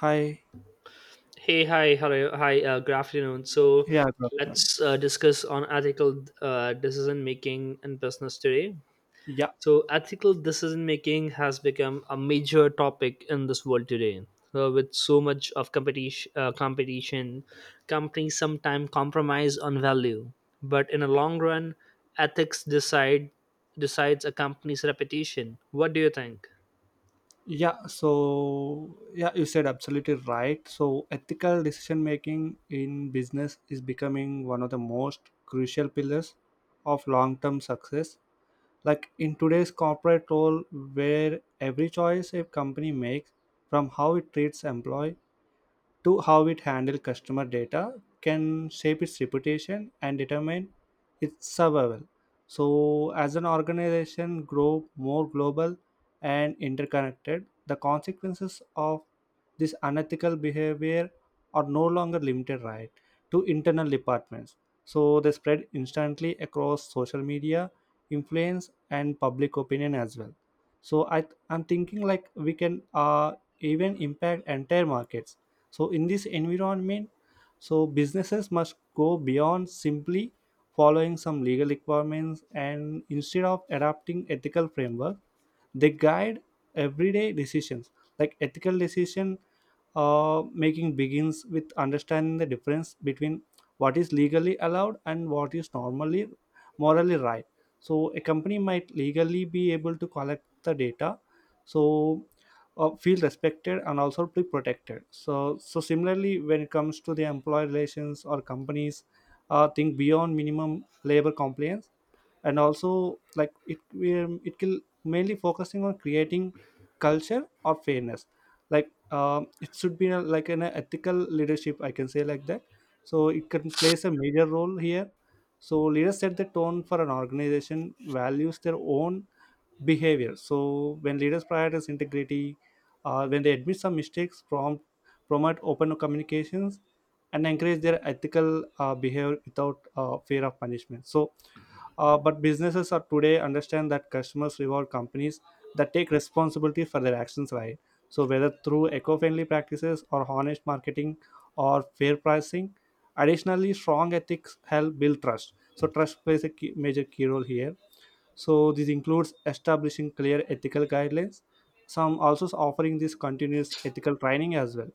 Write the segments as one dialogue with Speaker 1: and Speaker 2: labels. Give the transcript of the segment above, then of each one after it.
Speaker 1: Hi.
Speaker 2: Hey, hi, hello, hi, good afternoon. So
Speaker 1: Yeah, good afternoon.
Speaker 2: let's discuss on ethical decision making in business today.
Speaker 1: Yeah.
Speaker 2: So ethical decision making has become a major topic in this world today. So with so much of competition, competition, companies sometimes compromise on value, but in the long run, ethics decides a company's reputation. What do you think?
Speaker 1: Yeah. You said absolutely right. So, ethical decision making in business is becoming one of the most crucial pillars of long term success. Like in today's corporate world, where every choice a company makes, from how it treats employee to how it handles customer data, can shape its reputation and determine its survival. So, as an organization grow more global and interconnected, the consequences of this unethical behavior are no longer limited, right, to internal departments. So they spread instantly across social media, influence, and public opinion as well. So I'm thinking like we can even impact entire markets. So in this environment, so businesses must go beyond simply following some legal requirements and instead of adopting ethical framework they guide everyday decisions. Like ethical decision making begins with understanding the difference between what is legally allowed and what is normally morally right. So a company might legally be able to collect the data, so feel respected and also be protected. So similarly, when it comes to the employee relations or companies think beyond minimum labor compliance and also, like, it will mainly focusing on creating culture or fairness. Like, it should be a, like an ethical leadership, I can say like that. So it can plays a major role here. So leaders set the tone for an organization values their own behavior. So when leaders prioritize integrity, when they admit some mistakes, promote open communications, and encourage their ethical behavior without fear of punishment. But businesses are today understand that customers reward companies that take responsibility for their actions, right? So whether through eco-friendly practices or honest marketing or fair pricing, additionally, strong ethics help build trust. So trust plays a key, major key role here. So this includes establishing clear ethical guidelines, some also offering this continuous ethical training as well.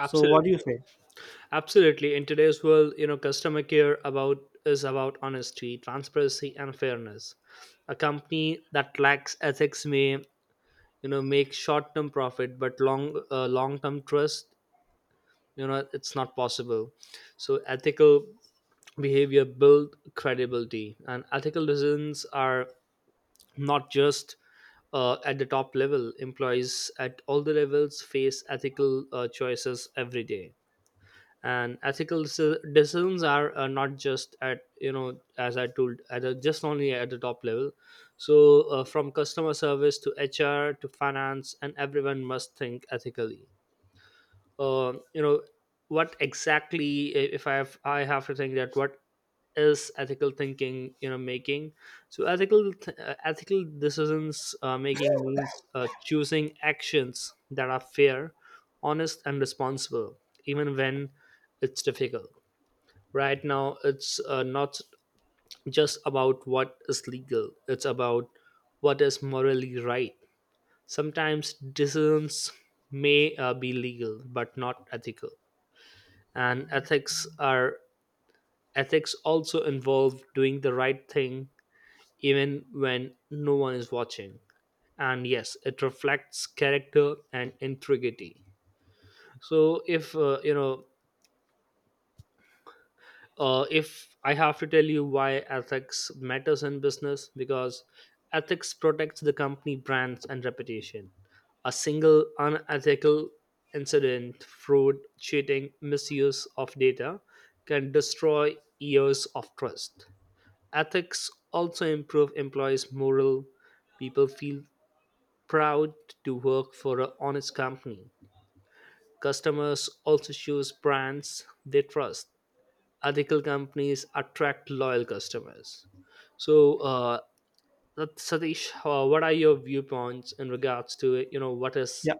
Speaker 1: So what do you say?
Speaker 2: Absolutely. In today's world, you know, customer care about is about honesty, transparency, and fairness. A company that lacks ethics may, you know, make short-term profit, but long-term trust, you know, it's not possible. So ethical behavior build credibility, and ethical decisions are not just at the top level. Employees at all the levels face ethical choices every day. And decisions are not just at, you know, as I told, at a, just only at the top level. So from customer service to HR to finance, and everyone must think ethically. You know, what exactly, I- if I have I have to think that what is ethical thinking, you know, making. So ethical decisions making means choosing actions that are fair, honest, and responsible, even when it's difficult. Right now it's not just about what is legal, it's about what is morally right. Sometimes decisions may be legal but not ethical. And ethics also involve doing the right thing even when no one is watching, and yes, it reflects character and integrity. So if if I have to tell you why ethics matters in business, because ethics protects the company brands and reputation. A single unethical incident, fraud, cheating, misuse of data can destroy years of trust. Ethics also improve employees' morale. People feel proud to work for an honest company. Customers also choose brands they trust. Ethical companies attract loyal customers. So, Satish, what are your viewpoints in regards to, you know, what is
Speaker 1: Yeah.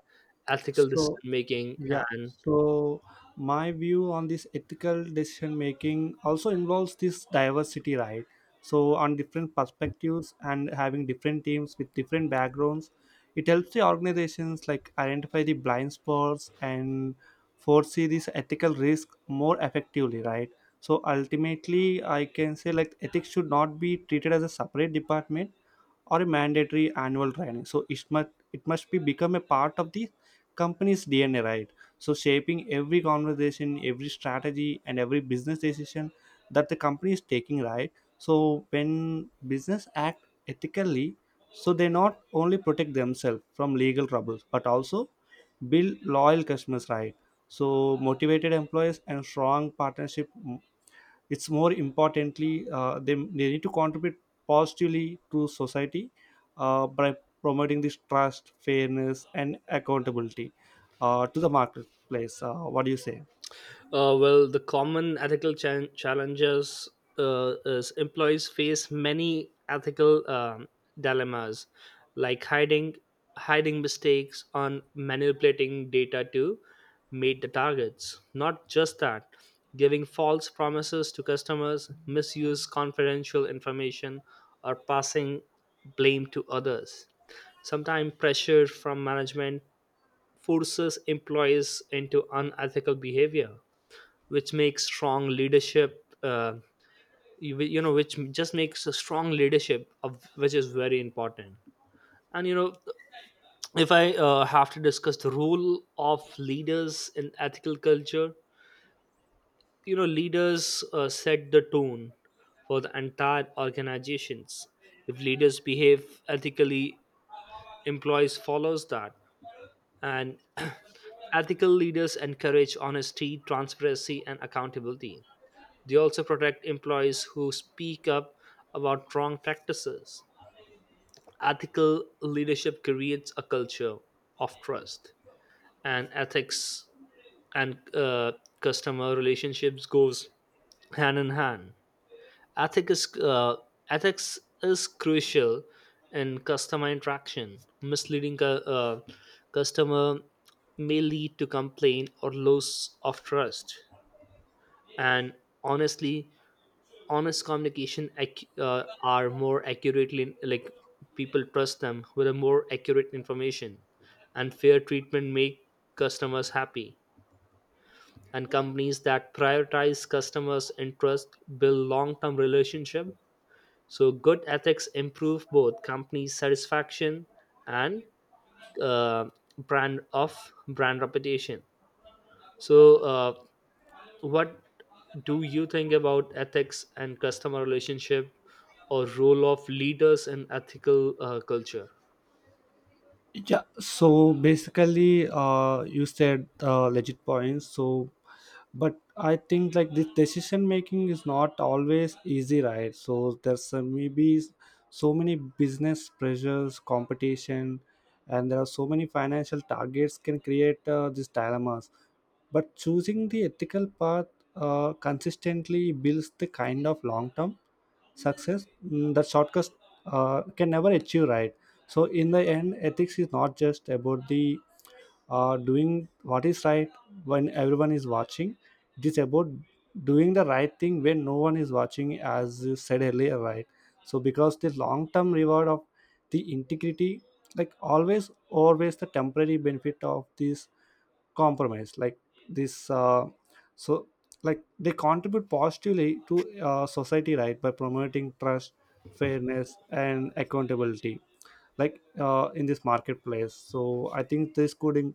Speaker 2: ethical
Speaker 1: so
Speaker 2: decision making?
Speaker 1: yeah
Speaker 2: And
Speaker 1: so my view on this ethical decision making also involves this diversity, right, so on different perspectives, and having different teams with different backgrounds, it helps the organizations like identify the blind spots and foresee this ethical risk more effectively, right? So ultimately, I can say like ethics should not be treated as a separate department or a mandatory annual training. So it must be become a part of the company's DNA, right? So shaping every conversation, every strategy, and every business decision that the company is taking, right? So when business act ethically, so they not only protect themselves from legal troubles, but also build loyal customers, right? So motivated employees and strong partnership, it's more importantly they need to contribute positively to society by promoting this trust, fairness, and accountability to the marketplace. What do you say?
Speaker 2: Well, the common challenges is employees face many ethical dilemmas, like hiding mistakes on manipulating data to meet the targets. Not just that, giving false promises to customers, misuse confidential information, or passing blame to others. Sometimes pressure from management forces employees into unethical behavior, which makes strong leadership, you know, which just makes a strong leadership of which is very important. And you know, if I have to discuss the role of leaders in ethical culture, you know, leaders set the tone for the entire organizations. If leaders behave ethically, employees follows that. And ethical leaders encourage honesty, transparency, and accountability. They also protect employees who speak up about wrong practices. Ethical leadership creates a culture of trust. And ethics and customer relationships goes hand in hand. Ethics is, uh, Ethics is crucial in customer interaction. Misleading customer may lead to complaint or loss of trust. And honestly, honest communication are more accurately, like people trust them with a more accurate information, and fair treatment make customers happy. And companies that prioritize customers interest build long-term relationship. So good ethics improve both company satisfaction and uh, brand reputation. So what do you think about ethics and customer relationship or role of leaders in ethical culture?
Speaker 1: Yeah, so basically, you said legit points. So but I think like this decision making is not always easy, right? So there's maybe so many business pressures, competition, and there are so many financial targets can create these dilemmas. But choosing the ethical path consistently builds the kind of long-term success, that shortcuts can never achieve, right? So in the end, ethics is not just about the doing what is right when everyone is watching. It is about doing the right thing when no one is watching, as you said earlier, right? So, because the long term reward of the integrity, like, always, always the temporary benefit of this compromise, like this. So, like they contribute positively to society, right, by promoting trust, fairness, and accountability like in this marketplace. So I think this could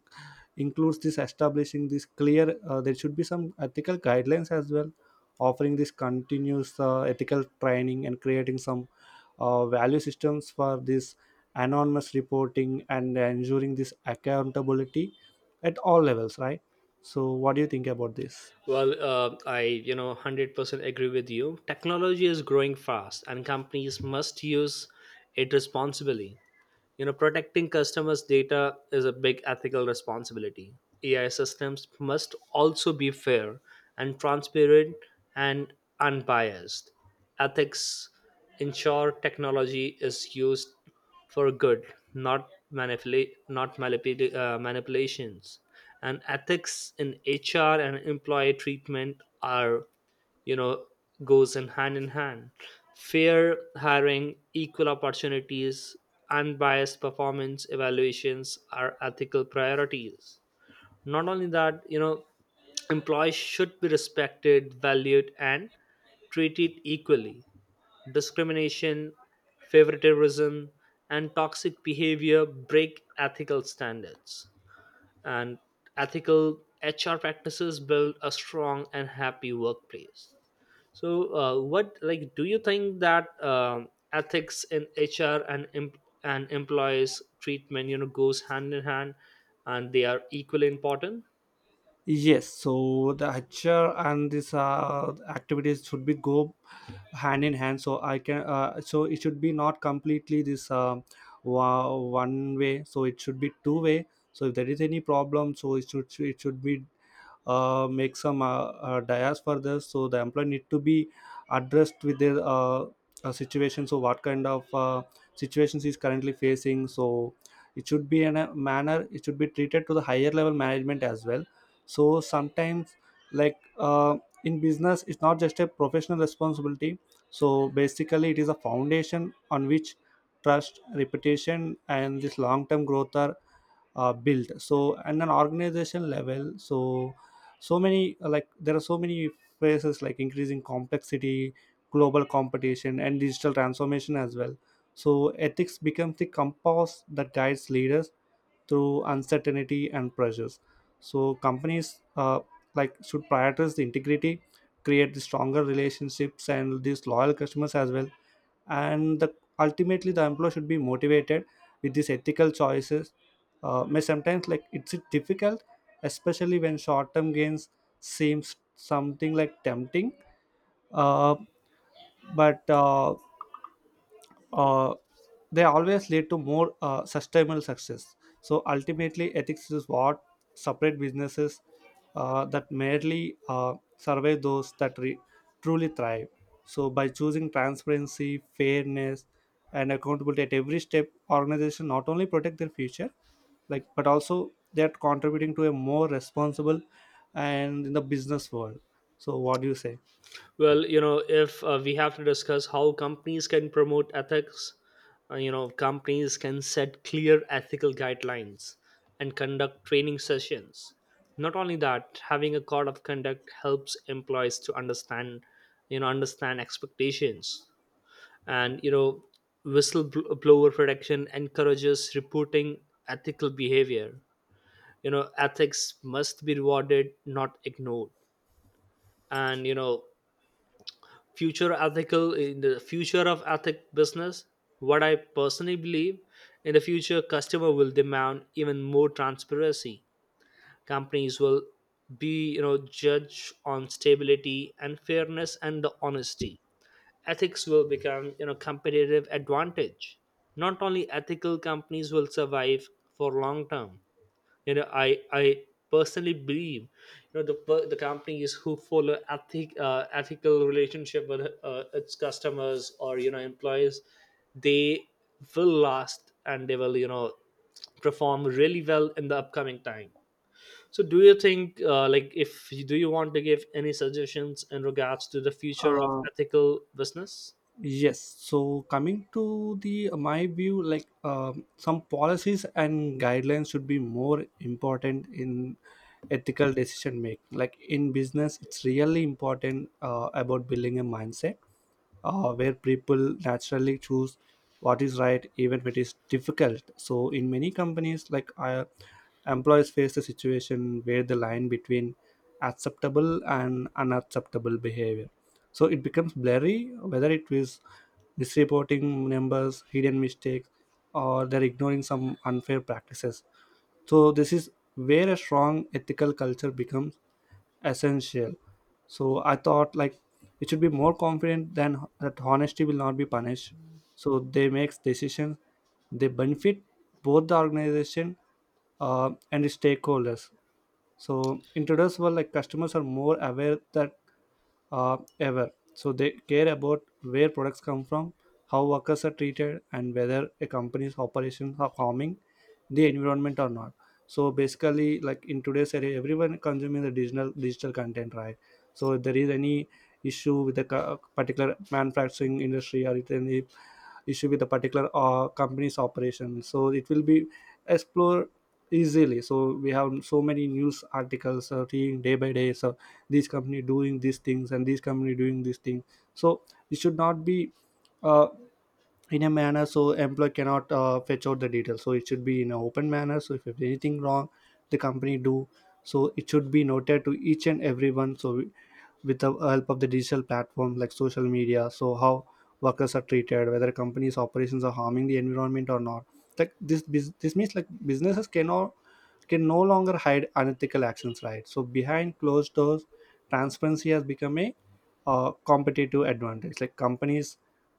Speaker 1: includes this establishing this clear there should be some ethical guidelines as well, offering this continuous ethical training and creating some value systems for this anonymous reporting and ensuring this accountability at all levels, right? So what do you think about this?
Speaker 2: Well, I, you know, 100% agree with you. Technology is growing fast and companies must use it responsibly. You know, protecting customers' data is a big ethical responsibility. AI systems must also be fair and transparent and unbiased. Ethics ensure technology is used for good, not manipulations. And ethics in HR and employee treatment are, you know, goes in hand in hand. Fair hiring, equal opportunities, unbiased performance evaluations are ethical priorities. Not only that, you know, employees should be respected, valued, and treated equally. Discrimination, favoritism, and toxic behavior break ethical standards. And ethical HR practices build a strong and happy workplace. So, what, like, do you think that ethics in HR and and employees treatment, you know, goes hand in hand, and they are equally important?
Speaker 1: Yes, so the HR and this activities should be go hand in hand. So I can so it should be not completely this one way. So it should be two way. So if there is any problem, so it should be make some dias for this. So the employee need to be addressed with their situation, so what kind of situations is currently facing. So it should be in a manner, it should be treated to the higher level management as well. So sometimes, like, in business, it's not just a professional responsibility. So basically, it is a foundation on which trust, reputation, and this long term growth are built. So and an organization level, so so many like there are so many phases like increasing complexity, global competition, and digital transformation as well. So ethics becomes the compass that guides leaders through uncertainty and pressures. So companies like should prioritize the integrity, create the stronger relationships and these loyal customers as well. And the, ultimately, the employer should be motivated with these ethical choices. May sometimes like it's difficult, especially when short-term gains seems something like tempting. Uh, but uh, they always lead to more sustainable success. So ultimately, ethics is what separate businesses that merely survive those that truly thrive. So by choosing transparency, fairness, and accountability at every step, organization not only protect their future, like but also they are contributing to a more responsible and in the business world. So what do you say?
Speaker 2: Well, you know, if we have to discuss how companies can promote ethics, you know, companies can set clear ethical guidelines and conduct training sessions. Not only that, having a code of conduct helps employees to understand, you know, understand expectations. And you know, whistleblower protection encourages reporting ethical behavior. You know, ethics must be rewarded, not ignored. And you know, future ethical in the future of ethic business, what I personally believe, in the future customer will demand even more transparency. Companies will be, you know, judged on stability and fairness and the honesty. Ethics will become, you know, competitive advantage. Not only ethical companies will survive for long term. You know, I personally believe, you know, the companies who follow ethic, ethical relationship with its customers or, you know, employees, they will last and they will, you know, perform really well in the upcoming time. So do you think, like, if you, do you want to give any suggestions in regards to the future of
Speaker 1: Uh,
Speaker 2: ethical business?
Speaker 1: Yes. So coming to the my view, like, some policies and guidelines should be more important in ethical decision making. Like in business, it's really important about building a mindset where people naturally choose what is right even when it is difficult. So in many companies, like, employees face a situation where the line between acceptable and unacceptable behavior, so it becomes blurry, whether it is misreporting numbers, hidden mistakes, or they're ignoring some unfair practices. So this is where a strong ethical culture becomes essential. So I thought like it should be more confident than that honesty will not be punished. So they makes decisions, they benefit both the organization and the stakeholders. So in today's world, like, customers are more aware that ever. So they care about where products come from, how workers are treated, and whether a company's operations are harming the environment or not. So basically, like in today's era, everyone consuming the digital content, right? So if there is any issue with the particular manufacturing industry, or if any issue with a particular company's operation, so it will be explored easily. So we have so many news articles reading day by day. So this company doing these things and this company doing this thing. So it should not be uh, in a manner so employee cannot fetch out the details. So it should be in an open manner, so if there's anything wrong the company do, so it should be noted to each and everyone. So with the help of the digital platform like social media, so how workers are treated, whether companies operations are harming the environment or not. Like this this means like businesses can no longer hide unethical actions, right, so behind closed doors. Transparency has become a competitive advantage. Like companies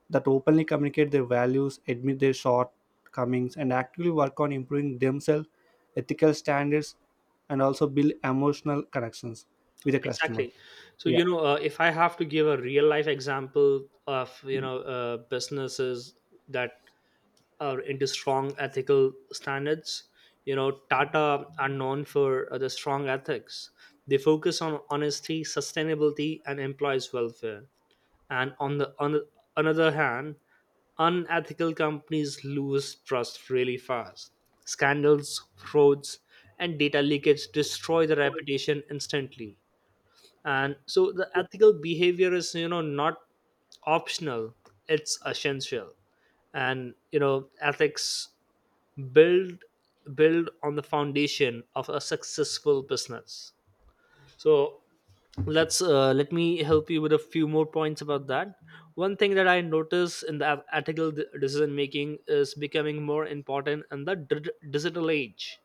Speaker 1: that openly communicate their values, admit their shortcomings, and actively work on improving themselves, ethical standards, and also build emotional connections with the customer.
Speaker 2: Exactly. So you
Speaker 1: Yeah.
Speaker 2: know, if I have to give a real life example of, you know, businesses that are into strong ethical standards, you know, Tata are known for the strong ethics. They focus on honesty, sustainability, and employees welfare. And on the another hand, unethical companies lose trust really fast. Scandals, frauds, and data leakage destroy the reputation instantly. And so the ethical behavior is, you know, not optional, it's essential. And you know, ethics build build on the foundation of a successful business. So let's let me help you with a few more points about that. One thing that I notice in the decision making is becoming more important in the digital age.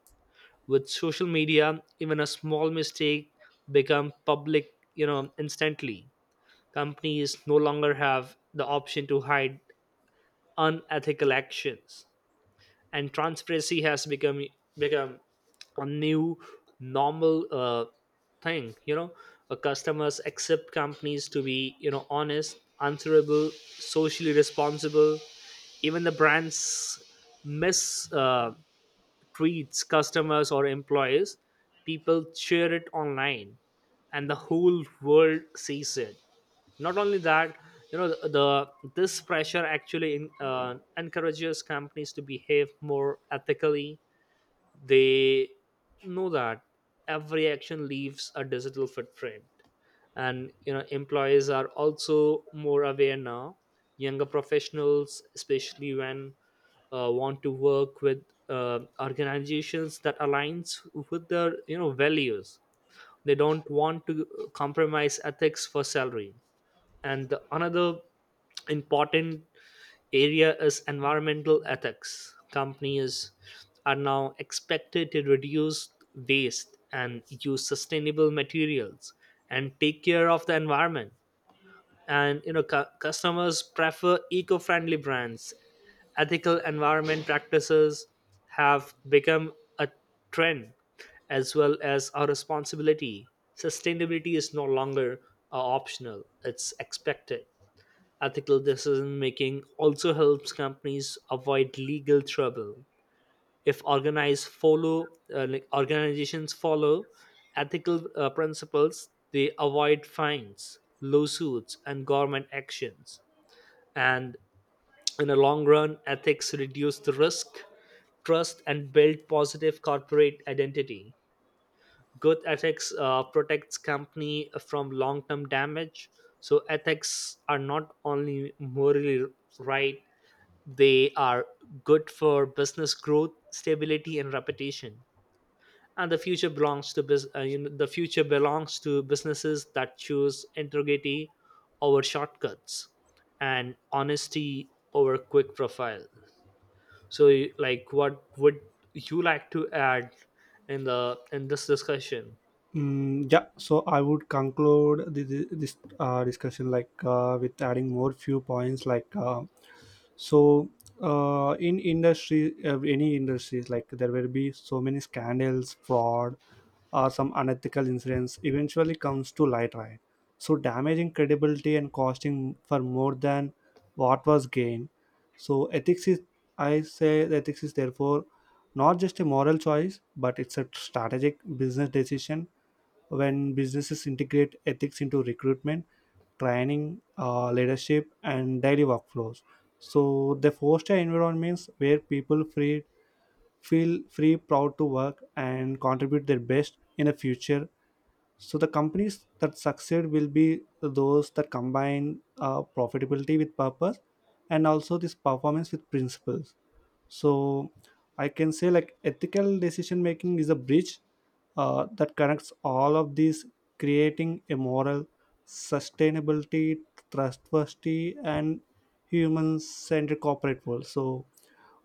Speaker 2: With social media, even a small mistake become public, you know, instantly. Companies no longer have the option to hide unethical actions, and transparency has become a new normal thing. You know, customers accept companies to be, you know, honest, answerable, socially responsible. Even the brands mis uh, treats customers or employees, people share it online, and the whole world sees it. Not only that, you know, the this pressure actually encourages companies to behave more ethically. They know that every action leaves a digital footprint. And you know, employees are also more aware now. Younger professionals especially, when want to work with organizations that aligns with their, you know, values, they don't want to compromise ethics for salary. And the another important area is environmental ethics. Companies are now expected to reduce waste and use sustainable materials and take care of the environment. And you know, customers prefer eco-friendly brands. Ethical environment practices have become a trend as well as our responsibility. Sustainability is no longer optional, it's expected. Ethical decision making also helps companies avoid legal trouble. If organized follow like organizations follow ethical principles, they avoid fines, lawsuits, and government actions. And in the long run, ethics reduce the risk, trust, and build positive corporate identity. Good ethics protects company from long-term damage. So ethics are not only morally right; they are good for business growth, stability, and reputation. And the future belongs to bus- you know, the future belongs to businesses that choose integrity over shortcuts and honesty over quick profile. So, like, what would you like to add in this discussion?
Speaker 1: Yeah, so I would conclude this discussion like with adding more few points, like, so in industry, any industries, like, there will be so many scandals, fraud, or some unethical incidents eventually comes to light, right? So damaging credibility and costing for more than what was gained. So ethics is therefore not just a moral choice, but it's a strategic business decision, when businesses integrate ethics into recruitment, training, leadership, and daily workflows. So they foster environments where feel free, proud to work, and contribute their best in the future. So the companies that succeed will be those that combine profitability with purpose, and also this performance with principles. So I can say like ethical decision making is a bridge that connects all of these, creating a moral sustainability, trustworthy and human centric corporate world. So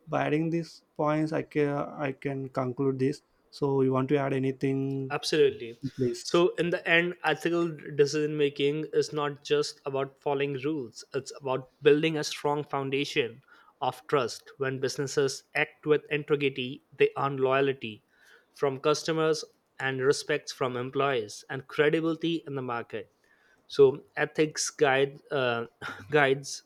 Speaker 1: by adding these points, I can conclude this. So you want to add anything?
Speaker 2: Absolutely.
Speaker 1: Please.
Speaker 2: So, in the end, ethical decision making is not just about following rules, it's about building a strong foundation of trust. When businesses act with integrity, they earn loyalty from customers and respect from employees and credibility in the market. So ethics guide guides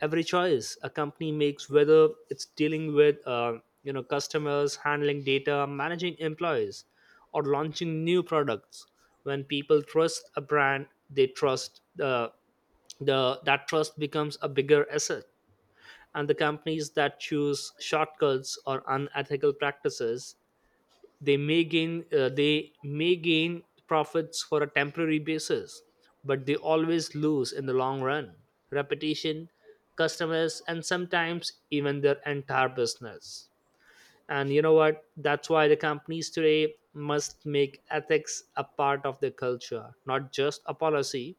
Speaker 2: every choice a company makes, whether it's dealing with, you know, customers, handling data, managing employees, or launching new products. When people trust a brand, they trust the that trust becomes a bigger asset. And the companies that choose shortcuts or unethical practices, they may gain profits for a temporary basis, but they always lose in the long run, reputation, customers, and sometimes even their entire business. And you know what, that's why the companies today must make ethics a part of their culture, not just a policy.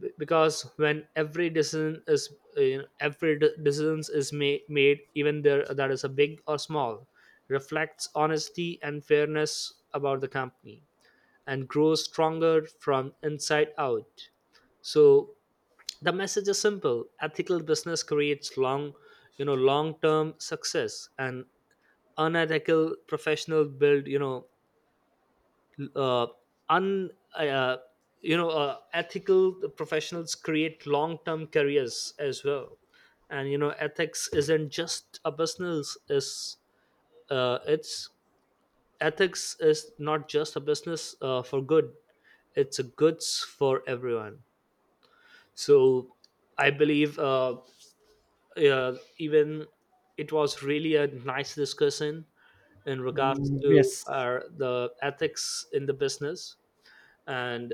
Speaker 2: Because when every decision is, every de- decisions is ma- made, even there, that is a big or small, reflects honesty and fairness about the company and grows stronger from inside out. So the message is simple: ethical business creates long, you know, long term success. And unethical professional build you know uh, un you know ethical professionals create long term careers as well. And you know, ethics isn't just a business is it's ethics is not just a business for good, it's a goods for everyone. So I believe, even it was really a nice discussion in regards
Speaker 1: Mm,
Speaker 2: to
Speaker 1: yes.
Speaker 2: our the ethics in the business. And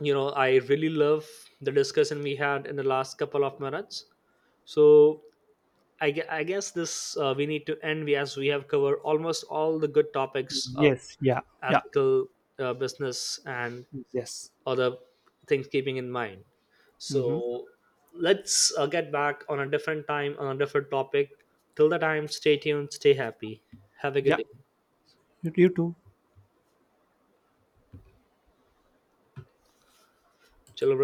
Speaker 2: you know, I really love the discussion we had in the last couple of minutes. So I guess this we need to end, as we have covered almost all the good topics of
Speaker 1: Yes. Yeah. Yeah.
Speaker 2: ethical business and
Speaker 1: Yes.
Speaker 2: other things keeping in mind.
Speaker 1: Mm-hmm.
Speaker 2: So let's get back on a different time on a different topic. Till the time, stay tuned, stay happy, have a good
Speaker 1: Yeah,
Speaker 2: day,
Speaker 1: you too.
Speaker 2: children.